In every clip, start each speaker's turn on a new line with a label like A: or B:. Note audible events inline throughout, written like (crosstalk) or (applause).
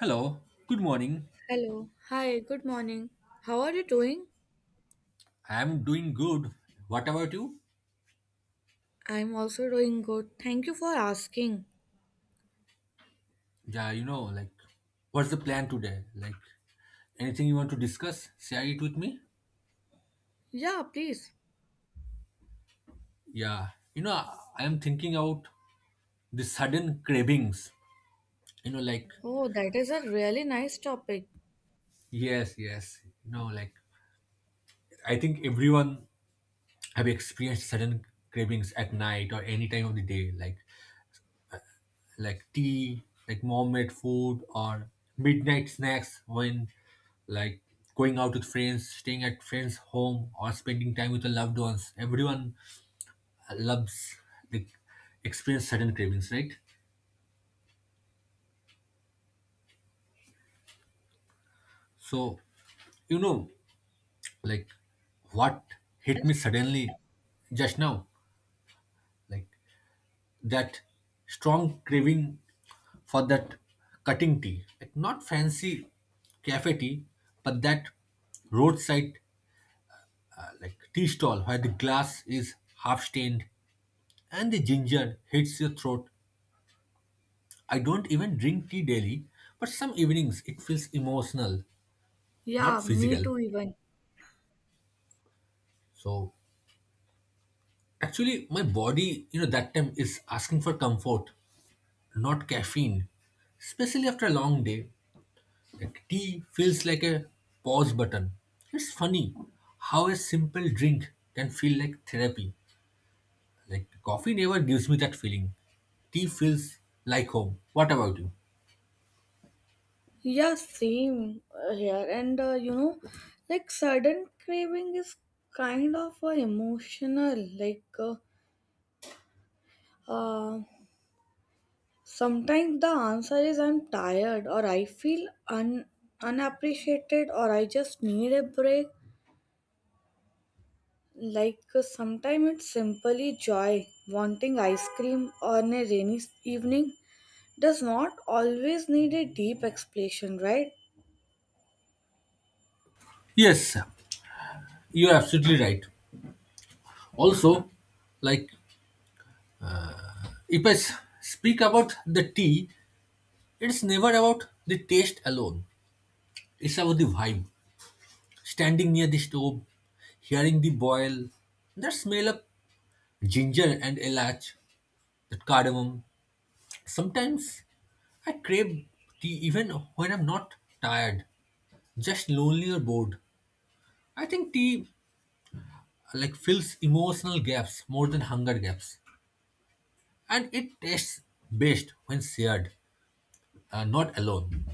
A: Hello, good morning.
B: Hello. Hi, good morning. How are you doing?
A: I'm doing good. What about you?
B: I'm also doing good. Thank you for asking.
A: Yeah, like, what's the plan today? Like, anything you want to discuss? Share it with me?
B: Yeah, please.
A: Yeah, I am thinking about the sudden cravings. Like,
B: Oh, that is a really nice topic.
A: yes, yes. Like, I think everyone have experienced sudden cravings at night or any time of the day. Like tea, like mom-made food or midnight snacks when like going out with friends, staying at friends' home or spending time with the loved ones. Everyone loves like experience sudden cravings, right? So you know like what hit me suddenly just now, like that strong craving for that cutting tea, like not fancy cafe tea, but that roadside like tea stall where the glass is half stained and the ginger hits your throat. I don't even drink tea daily, but some evenings it feels emotional, not
B: Yeah, me
A: physical.
B: too, even.
A: So actually, my body, that time is asking for comfort, not caffeine, especially after a long day. Like tea feels like a pause button. It's funny how a simple drink can feel like therapy. Like coffee never gives me that feeling. Tea feels like home. What about you?
B: Yeah, same here. And sudden craving is kind of emotional. Uh, Sometimes the answer is I'm tired, or I feel unappreciated, or I just need a break. Sometimes it's simply joy. Wanting ice cream on a evening does not always need a deep explanation, right?
A: Yes, you're absolutely right. Also, like if I speak about the tea, it's never about the taste alone. It's about the vibe. Standing near the stove, hearing the boil, the smell of ginger and elach, the cardamom. Sometimes I crave tea even when I'm not tired, just lonely or bored. I think tea like fills emotional gaps more than hunger gaps, and it tastes best when shared, not alone.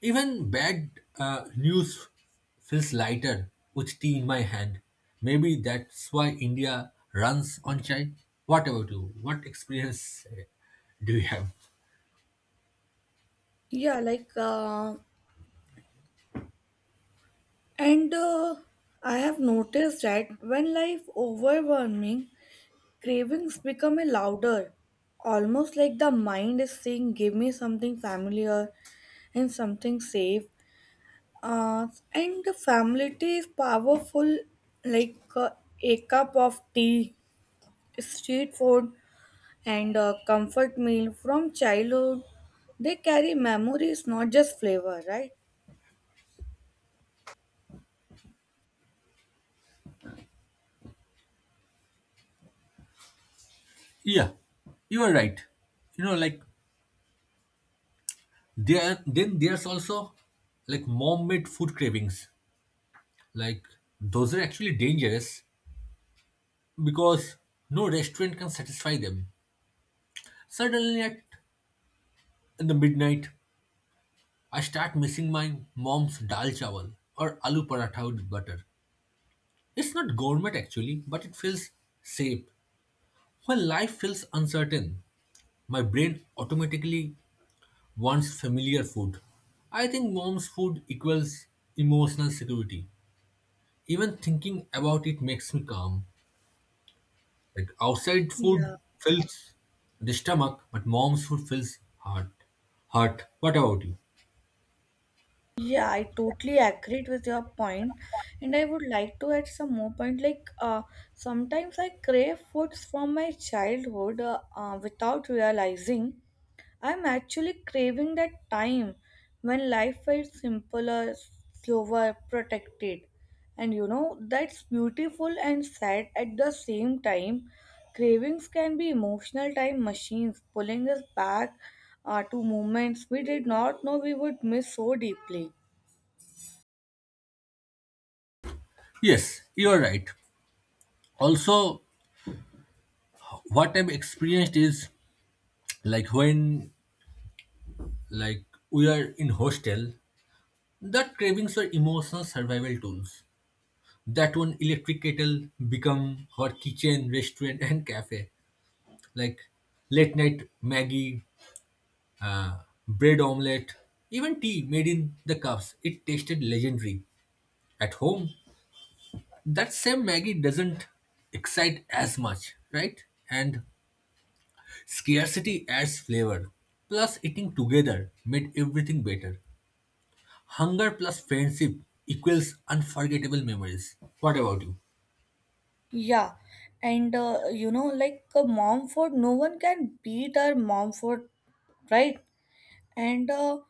A: Even bad news feels lighter with tea in my hand. Maybe that's why India runs on chai. What about you? What experience do you have?
B: Yeah, like, and I have noticed that when life overwhelming, cravings become a louder, almost like the mind is saying, "Give me something familiar and something safe." And the family tea is powerful, like uh, a cup of tea, street food, and a comfort meal from childhood. They carry memories, not just flavor, right?
A: Yeah, you are right. Like there then there's also like mom-made food cravings. Like those are actually dangerous because no restaurant can satisfy them. Suddenly, at in the midnight, I start missing my mom's dal chawal or aloo paratha with butter. It's not gourmet actually, but it feels safe. When life feels uncertain, my brain automatically wants familiar food. I think mom's food equals emotional security. Even thinking about it makes me calm. Like outside food
B: Yeah,
A: fills the stomach, but mom's food fills heart. Heart. What about you?
B: yeah, I totally agreed with your point. And I would like to add some more point. Sometimes I crave foods from my childhood without realizing I'm actually craving that time when life felt simpler, slower, protected. And you know, that's beautiful and sad at the same time. Cravings can be emotional time machines pulling us back to moments we did not know we would miss so deeply.
A: Yes, you're right. Also, what I've experienced is like when like we are in hostel, that cravings were emotional survival tools. That one electric kettle become her kitchen, restaurant, and cafe. Like late night Maggie, uh, bread omelette, even tea made in the cups. It tasted legendary. At home, that same Maggie doesn't excite as much, right? And scarcity adds flavor. Plus, eating together made everything better. Hunger plus friendship equals unforgettable memories. What about you?
B: Yeah, and you know, like mom food, no one can beat our mom food, right? And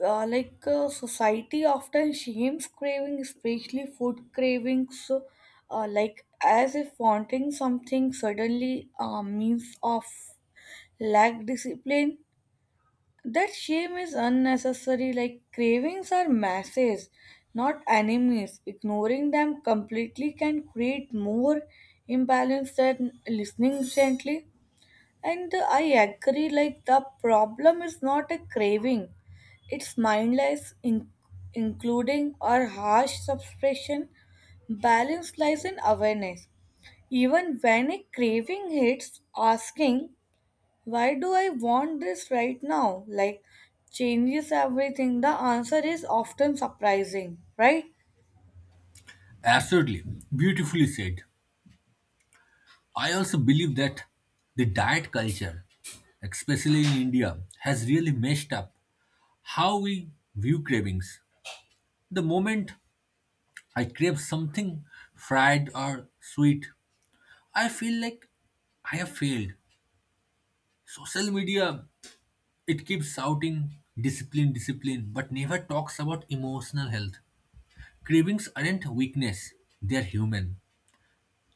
B: like Society often shames craving, especially food cravings, like as if wanting something suddenly means of lack discipline. That shame is unnecessary. Like cravings are masses, not enemies. Ignoring them completely can create more imbalance than listening gently. And I agree, like, the problem is not a craving, it's mindless, including or harsh suppression, balance lies in awareness. Even when a craving hits, asking, "Why do I want this right now?" Like, changes everything. The answer is often surprising, right?
A: Absolutely. Beautifully said. I also believe that the diet culture, especially in India, has really messed up how we view cravings. The moment I crave something fried or sweet, I feel like I have failed. Social media, it keeps shouting discipline, discipline, but never talks about emotional health. Cravings aren't weakness, they're human.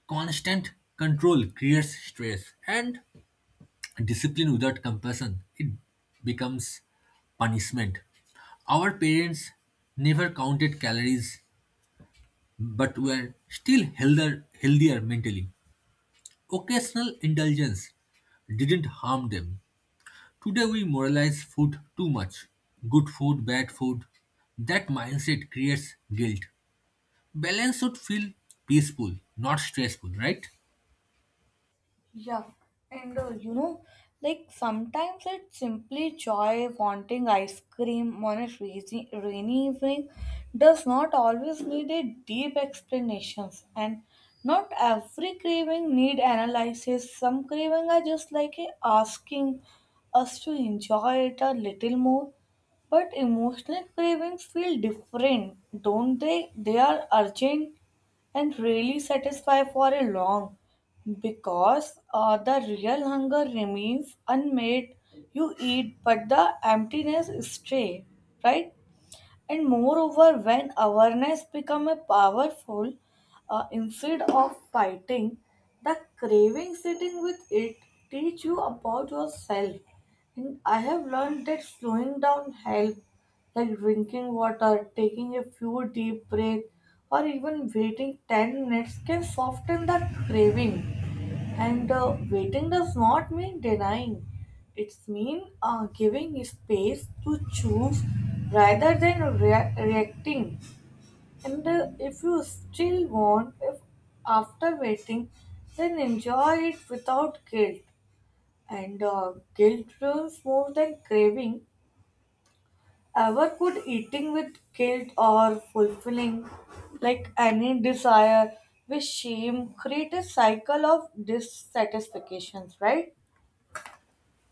A: Constant control creates stress, and discipline without compassion, it becomes punishment. Our parents never counted calories, but were still healthier, healthier mentally. Occasional indulgence didn't harm them. Today we moralize food too much. Good food, bad food. That mindset creates guilt. Balance should feel peaceful, not stressful, right?
B: Yeah, and sometimes it's simply joy. Wanting ice cream on a rainy evening does not always need a deep explanations, and not every craving need analysis. Some craving are just like a asking us to enjoy it a little more. But emotional cravings feel different, don't they? They are urgent and really satisfy for a long because the real hunger remains unmet. You eat, but the emptiness stay, right? And moreover, when awareness become a powerful, instead of fighting the craving, sitting with it teach you about yourself. And I have learned that slowing down help, like drinking water, taking a few deep breaths, or even waiting 10 minutes can soften the craving. And Waiting does not mean denying. It's mean giving space to choose rather than reacting. And If you still want, if after waiting, then enjoy it without guilt. And Guilt runs more than craving. Ever could eating with guilt or fulfilling like any desire with shame create a cycle of dissatisfactions, right?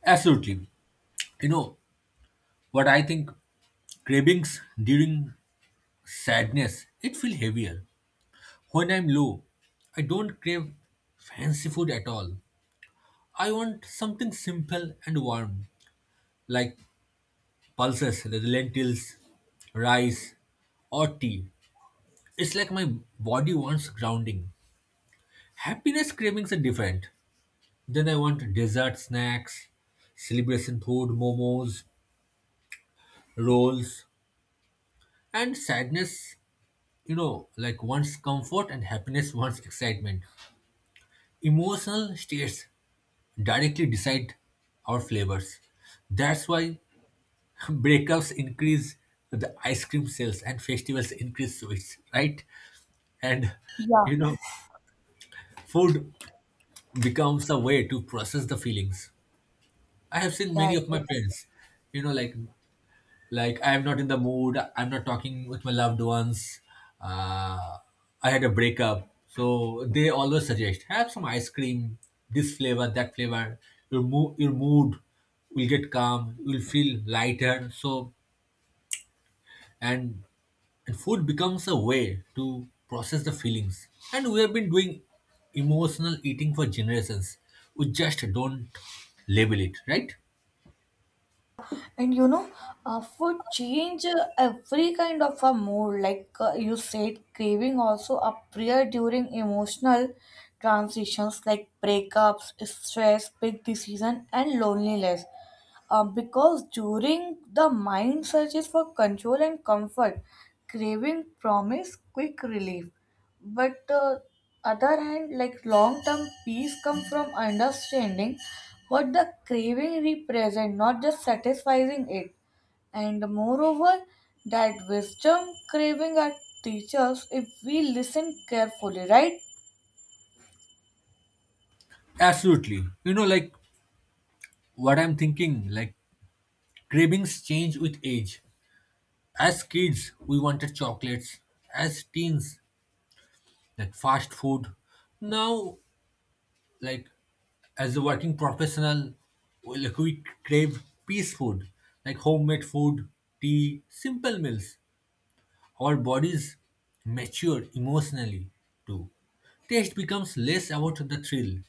A: Absolutely. You know what I think? Cravings during sadness, it feels heavier. When I'm low, I don't crave fancy food at all. I want something simple and warm, like pulses, the lentils, rice, or tea. It's like my body wants grounding. Happiness cravings are different. Then I want dessert snacks, celebration food, momos, rolls, and sadness, like wants comfort and happiness wants excitement. Emotional states directly decide our flavors. That's why (laughs) breakups increase the ice cream sales and festivals increase sweets, right? And
B: Yeah,
A: you know, food becomes a way to process the feelings. I have seen
B: yeah,
A: many
B: it
A: of my
B: is.
A: friends, you know, like like I'm not in the mood, I'm not talking with my loved ones, uh, I had a breakup, so they always suggest have some ice cream, this flavor, that flavor. Your mood will get calm, you will feel lighter. So and and food becomes a way to process the feelings. And we have been doing emotional eating for generations. We just don't label it, right?
B: And you know, food change every kind of a mood. You said, craving also appear during emotional transitions like breakups, stress, big decision, and loneliness. Because during the mind searches for control and comfort, craving promise quick relief. But other hand, like long term peace comes from understanding what the craving represent, not just satisfying it. And moreover, that wisdom, craving are teachers if we listen carefully, right?
A: Absolutely. Like what I'm thinking, like cravings change with age. As kids, we wanted chocolates. As teens, like fast food. Now, like as a working professional, like we crave peace food, like homemade food, tea, simple meals. Our bodies mature emotionally too. Taste becomes less about the thrill,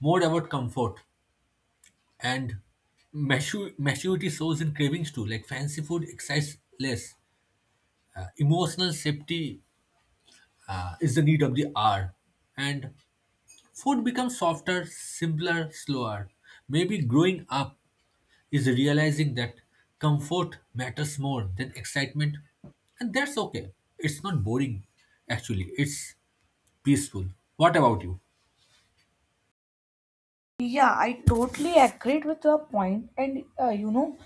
A: more about comfort. And maturity shows in cravings too. Like fancy food excites less. Emotional safety is the need of the hour, and food becomes softer, simpler, slower. Maybe growing up is realizing that comfort matters more than excitement, and that's okay. It's not boring, actually, it's peaceful. What about you?
B: Yeah, I totally agreed with your point. And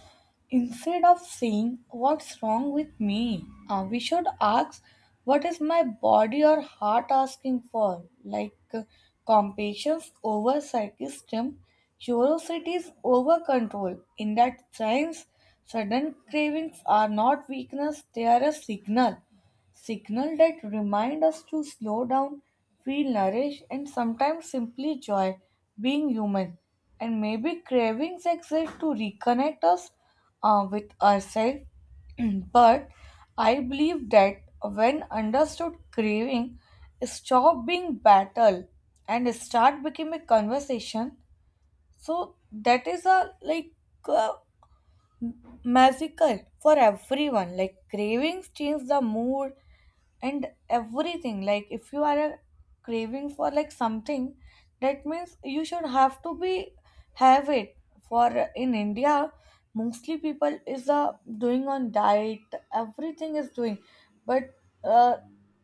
B: instead of saying what's wrong with me, we should ask what is my body or heart asking for. Compassion over psychism, curiosity is over control. In that sense, sudden cravings are not weakness; they are a signal. Signal that remind us to slow down, feel nourished, and sometimes simply joy being human. And maybe cravings exist to reconnect us with ourselves. (clears throat) But I believe that when understood, craving stop being battle and start becoming a conversation. So that is a like uh, magical for everyone. Like cravings change the mood and everything. Like if you are a craving for like something, that means you should have to be have it for. In india, mostly people is doing on diet, everything is doing. But uh,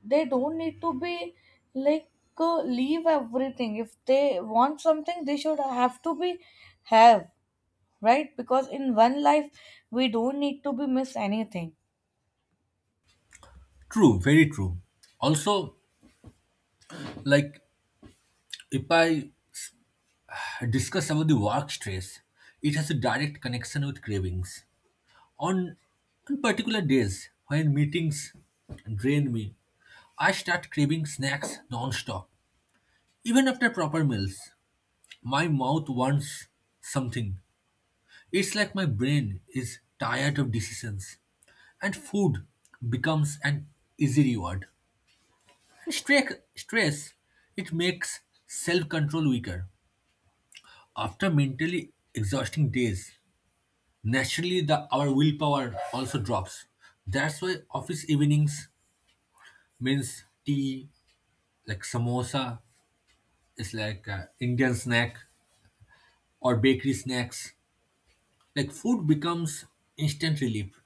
B: they don't need to be like, leave everything. If they want something, they should have to be have, right? Because in one life, we don't need to be miss anything.
A: True, very true. Also, like if I discuss about the work stress, it has a direct connection with cravings. On, on particular days when meetings drain me, I start craving snacks non-stop. Even after proper meals, my mouth wants something. It's like my brain is tired of decisions, and food becomes an easy reward. Stress, it makes self-control weaker. After mentally exhausting days, naturally the our willpower also drops. That's why office evenings means tea, like samosa, is like a Indian snack or bakery snacks. Like food becomes instant relief,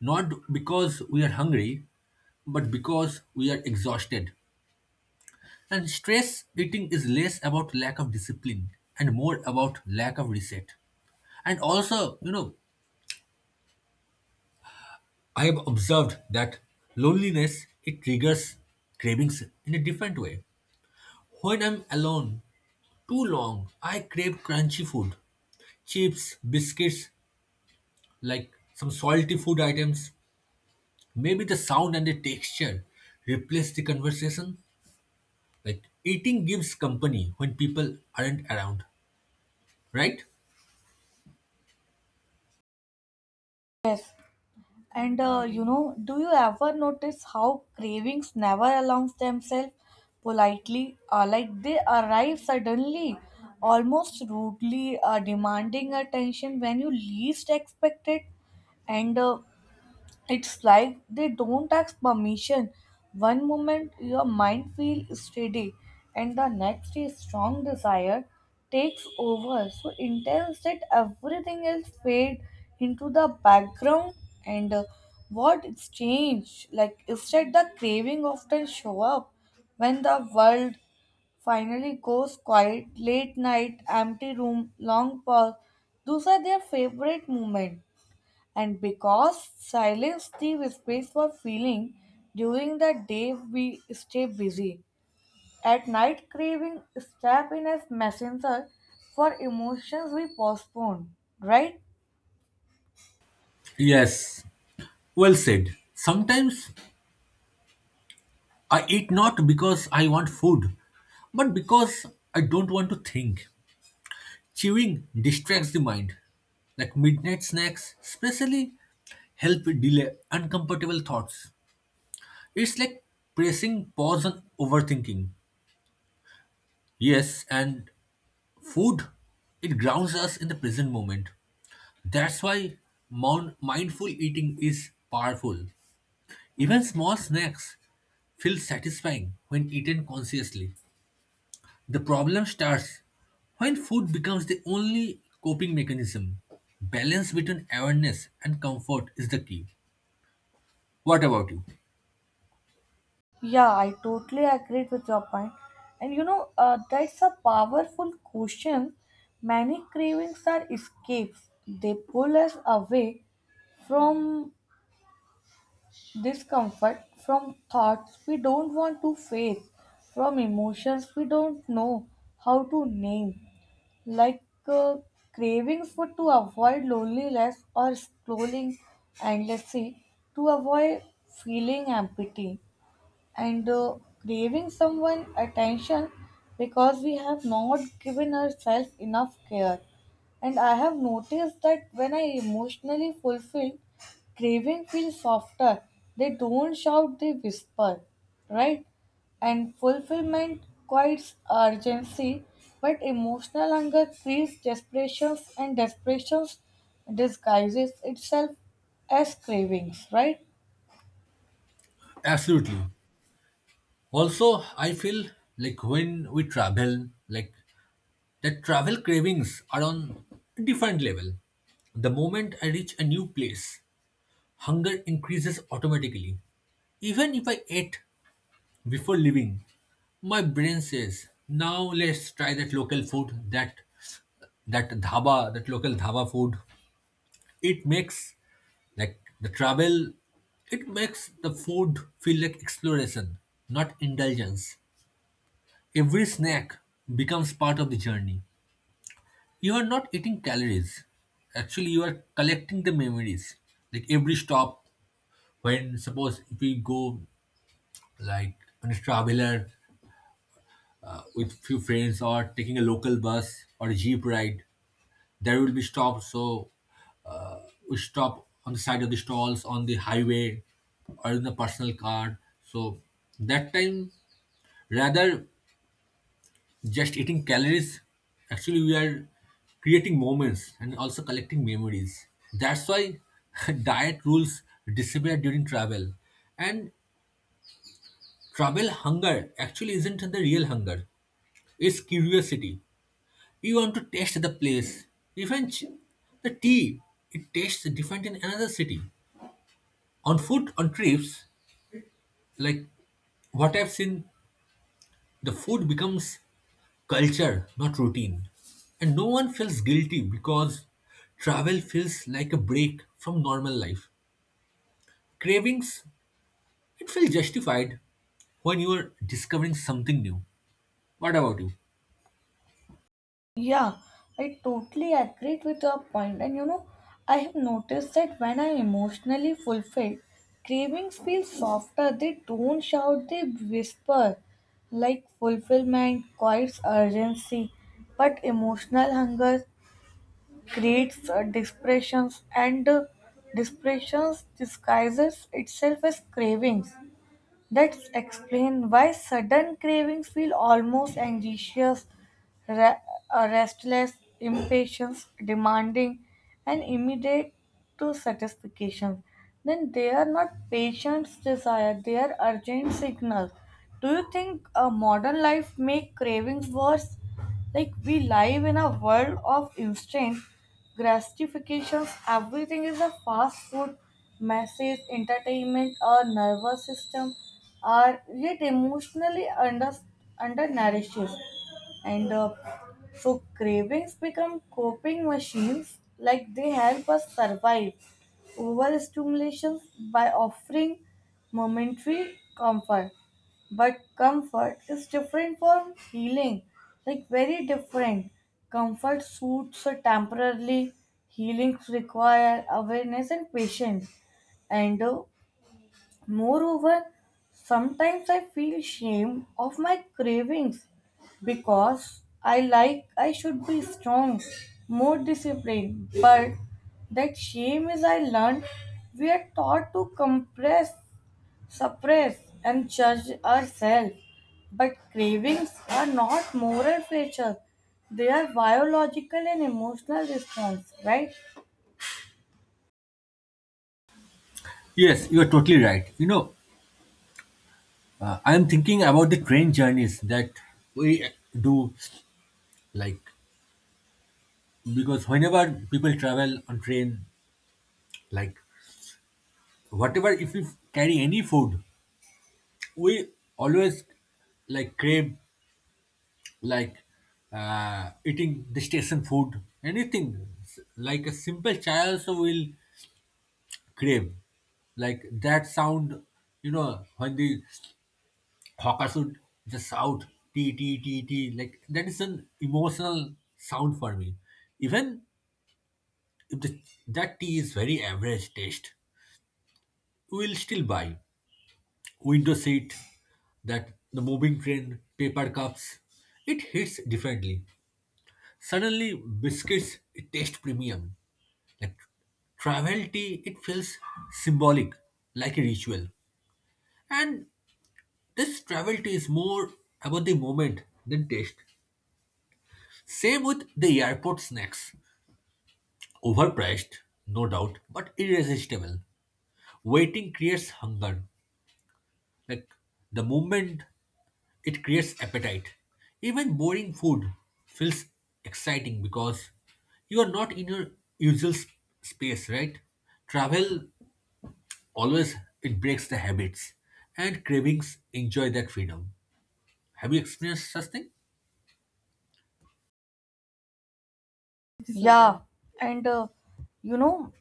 A: not because we are hungry, but because we are exhausted. And stress eating is less about lack of discipline and more about lack of reset. And also, I have observed that loneliness it triggers cravings in a different way. When I'm alone too long, I crave crunchy food, chips, biscuits, like some salty food items. Maybe the sound and the texture replace the conversation. Like eating gives company when people aren't around, right?
B: Yes. And do you ever notice how cravings never announce themselves politely? Like they arrive suddenly, almost rudely, demanding attention when you least expect it. And It's like they don't ask permission. One moment your mind feels steady, and the next a strong desire takes over so intense that everything else fade into the background. And What exchange? Like instead, the craving often show up when the world finally goes quiet. Late night, empty room, long pause. Those are their favorite moments. And because silence gives space for feeling, during the day we stay busy. At night, craving step in as messenger for emotions we postpone, right?
A: Yes, well said. Sometimes I eat not because I want food, but because I don't want to think. Chewing distracts the mind. Like midnight snacks, especially help delay uncomfortable thoughts. It's like pressing pause on overthinking. Yes, and food, it grounds us in the present moment. That's why mindful eating is powerful. Even small snacks feel satisfying when eaten consciously. The problem starts when food becomes the only coping mechanism. Balance between awareness and comfort is the key. What about you?
B: Yeah, I totally agree with your point. And you know, that's a powerful question. Many cravings are escapes, they pull us away from discomfort, from thoughts we don't want to face, from emotions we don't know how to name, like uh, cravings for to avoid loneliness or scrolling endlessly to avoid feeling empty. And craving someone attention because we have not given ourselves enough care. And I have noticed that when I emotionally fulfilled, craving feels softer. They don't shout, they whisper, right? And fulfillment quiets urgency, but emotional hunger creates desperation, and desperation disguises itself as cravings, right?
A: Absolutely. Also, I feel like when we travel, like the travel cravings are on a different level. The moment I reach a new place, hunger increases automatically. Even if I ate before leaving, my brain says, now let's try that local food, that dhaba, that local dhaba food. It makes like the travel, it makes the food feel like exploration, not indulgence. Every snack becomes part of the journey. You are not eating calories, actually you are collecting the memories. Like every stop, when suppose if we go like on a traveler, with few friends or taking a local bus or a jeep ride, there will be stops, so we stop on the side of the stalls on the highway or in the personal car. So that time, rather just eating calories, actually we are creating moments and also collecting memories. That's why (laughs) diet rules disappear during travel. And travel hunger actually isn't the real hunger, it's curiosity. You want to taste the place. Even the tea, it tastes different in another city. On food on trips, like what I've seen, the food becomes culture, not routine. And no one feels guilty because travel feels like a break from normal life. Cravings, it feels justified when you are discovering something new. What about you?
B: Yeah, I totally agree with your point. And you know, I have noticed that when I'm emotionally fulfilled, cravings feel softer. They don't shout, they whisper. Like fulfillment quiets urgency, but emotional hunger creates depressions, and depressions disguises itself as cravings. That's explain why sudden cravings feel almost anxious, re- restless, impatience, demanding, and immediate to satisfaction. Then they are not patient's desire; they are urgent signals. Do you think a modern life make cravings worse? Like we live in a world of instant gratifications. Everything is a fast food, message, entertainment, our nervous system are yet emotionally undernourishes, and so cravings become coping machines. Like they help us survive overstimulation by offering momentary comfort. But comfort is different from healing, like very different. Comfort suits are temporarily, healings require awareness and patience. And moreover, sometimes I feel shame of my cravings because I like I should be strong, more disciplined. But that shame is I learned we are taught to compress, suppress, and judge ourselves. But cravings are not moral features, they are biological and emotional response, right?
A: Yes, you are totally right. I am thinking about the train journeys that we do, like, because whenever people travel on train, like, whatever, if we carry any food, we always like crave like eating the station food, anything like a simple chai also will crave. Like that sound, when the hawkers would just shout tea, tea, tea, tea, like that is an emotional sound for me. Even if that tea is very average taste, we will still buy window seat, that the moving train, paper cups. It hits differently. Suddenly, biscuits it taste premium. Like travel tea, it feels symbolic, like a ritual. And this travel tea is more about the moment than taste. Same with the airport snacks. Overpriced, no doubt, but irresistible. Waiting creates hunger. Like the moment it creates appetite. Even boring food feels exciting because you are not in your usual space, right? Travel always it breaks the habits and cravings enjoy that freedom. Have you experienced such thing?
B: Yeah, and you know,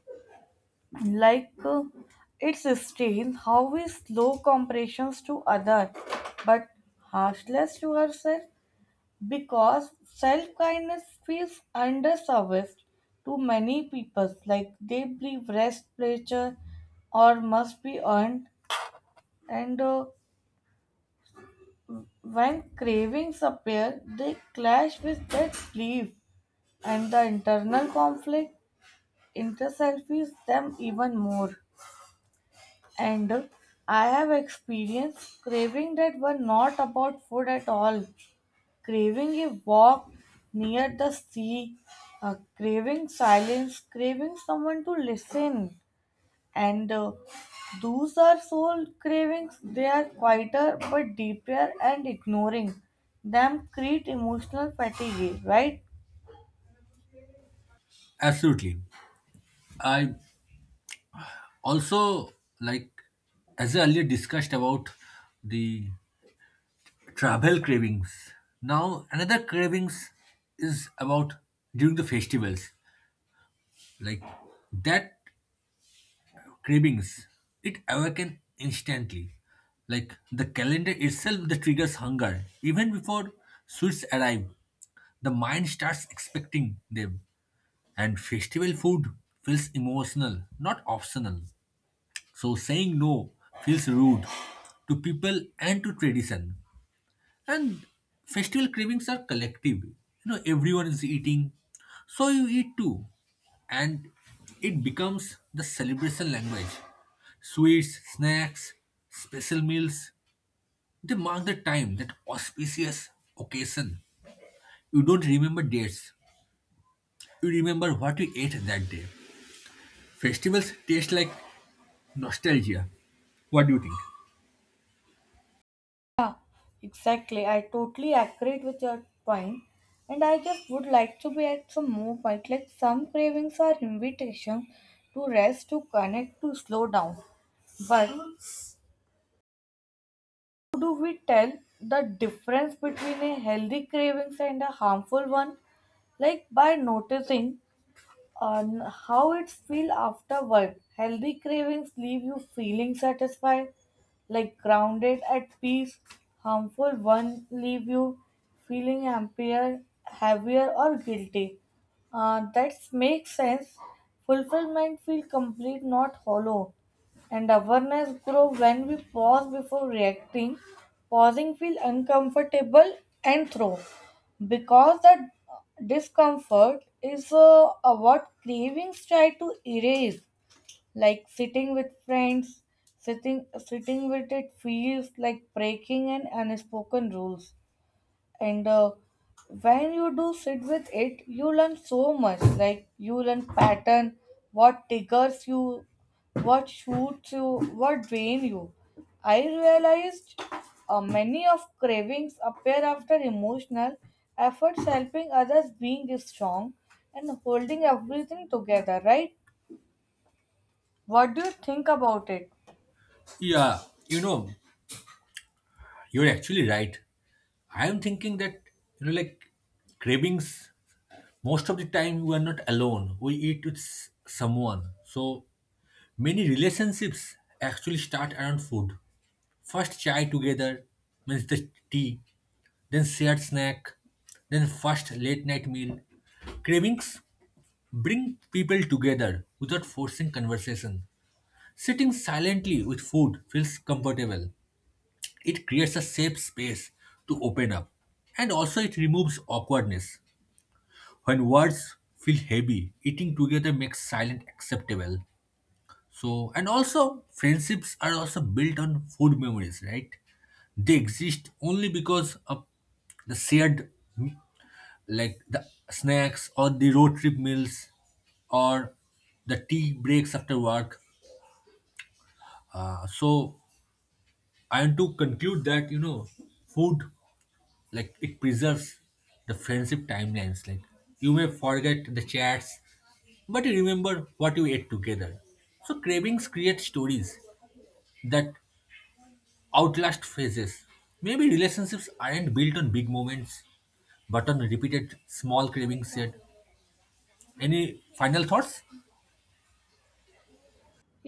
B: like it sustains how we slow compressions to other, but harshness to ourselves. Because self kindness feels underserviced to many people. Like they believe rest pleasure or must be earned, and when cravings appear they clash with that belief and the internal conflict intensifies them even more. And I have experienced craving that were not about food at all. Craving a walk near the sea, craving silence, craving someone to listen. And Those are soul cravings, they are quieter but deeper, and ignoring them create emotional fatigue, right?
A: Absolutely. I also like as I earlier discussed about the travel cravings. Now another cravings is about during the festivals. Like that cravings. It awakens instantly. Like the calendar itself that triggers hunger. Even before sweets arrive, the mind starts expecting them. And festival food feels emotional, not optional. So saying no feels rude to people and to tradition. And festival cravings are collective. Everyone is eating, so you eat too. And it becomes the celebration language. Sweets, snacks, special meals, they mark the time, that auspicious occasion. You don't remember dates, you remember what you ate that day. Festivals taste like nostalgia. What do you think?
B: Yeah, exactly. I totally agree with your point. And I just would like to be at some more point. Like some cravings are invitations to rest, to connect, to slow down. But how do we tell the difference between a healthy cravings and a harmful one? Like by noticing on how it feels after work. Healthy cravings leave you feeling satisfied, like grounded at peace. Harmful ones leave you feeling happier, heavier, or guilty. That makes sense. Fulfillment feel complete, not hollow. And awareness grow when we pause before reacting. Pausing feel uncomfortable and throw. Because that discomfort is what cravings try to erase, like sitting with friends, sitting with it feels like breaking an unspoken rules. And when you do sit with it, you learn so much. Like you learn pattern, what triggers you, what shoots you, what drain you. I realized many of cravings appear after emotional efforts, helping others, being strong, and holding everything together, right? What do you think about it?
A: Yeah, you know, you're actually right. I am thinking that, like cravings, most of the time we are not alone, we eat with someone. So many relationships actually start around food. First chai together means the tea, then shared snack, then first late night meal. Cravings bring people together without forcing conversation. Sitting silently with food feels comfortable, it creates a safe space to open up. And also it removes awkwardness. When words feel heavy, eating together makes silence acceptable. So, and also, friendships are also built on food memories, right? They exist only because of the shared, m- like the snacks or the road trip meals or the tea breaks after work. So, I want to conclude that, food like it preserves the friendship timelines. Like you may forget the chats, but you remember what you ate together. So cravings create stories that outlast phases. Maybe relationships aren't built on big moments but on repeated small cravings. Yet any final thoughts?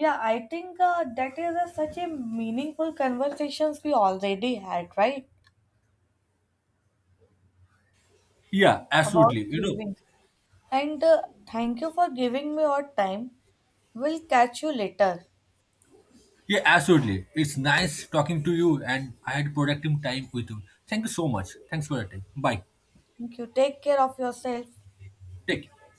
B: Yeah, I think that is a, such a meaningful conversations we already had, right?
A: Yeah,
B: About
A: absolutely.
B: cravings. And Thank you for giving me your time. We'll catch you later.
A: Yeah, absolutely, it's nice talking to you and I had productive time with you. Thank you so much. Thanks for your time. Bye.
B: Thank you. Take care of yourself.
A: Take care.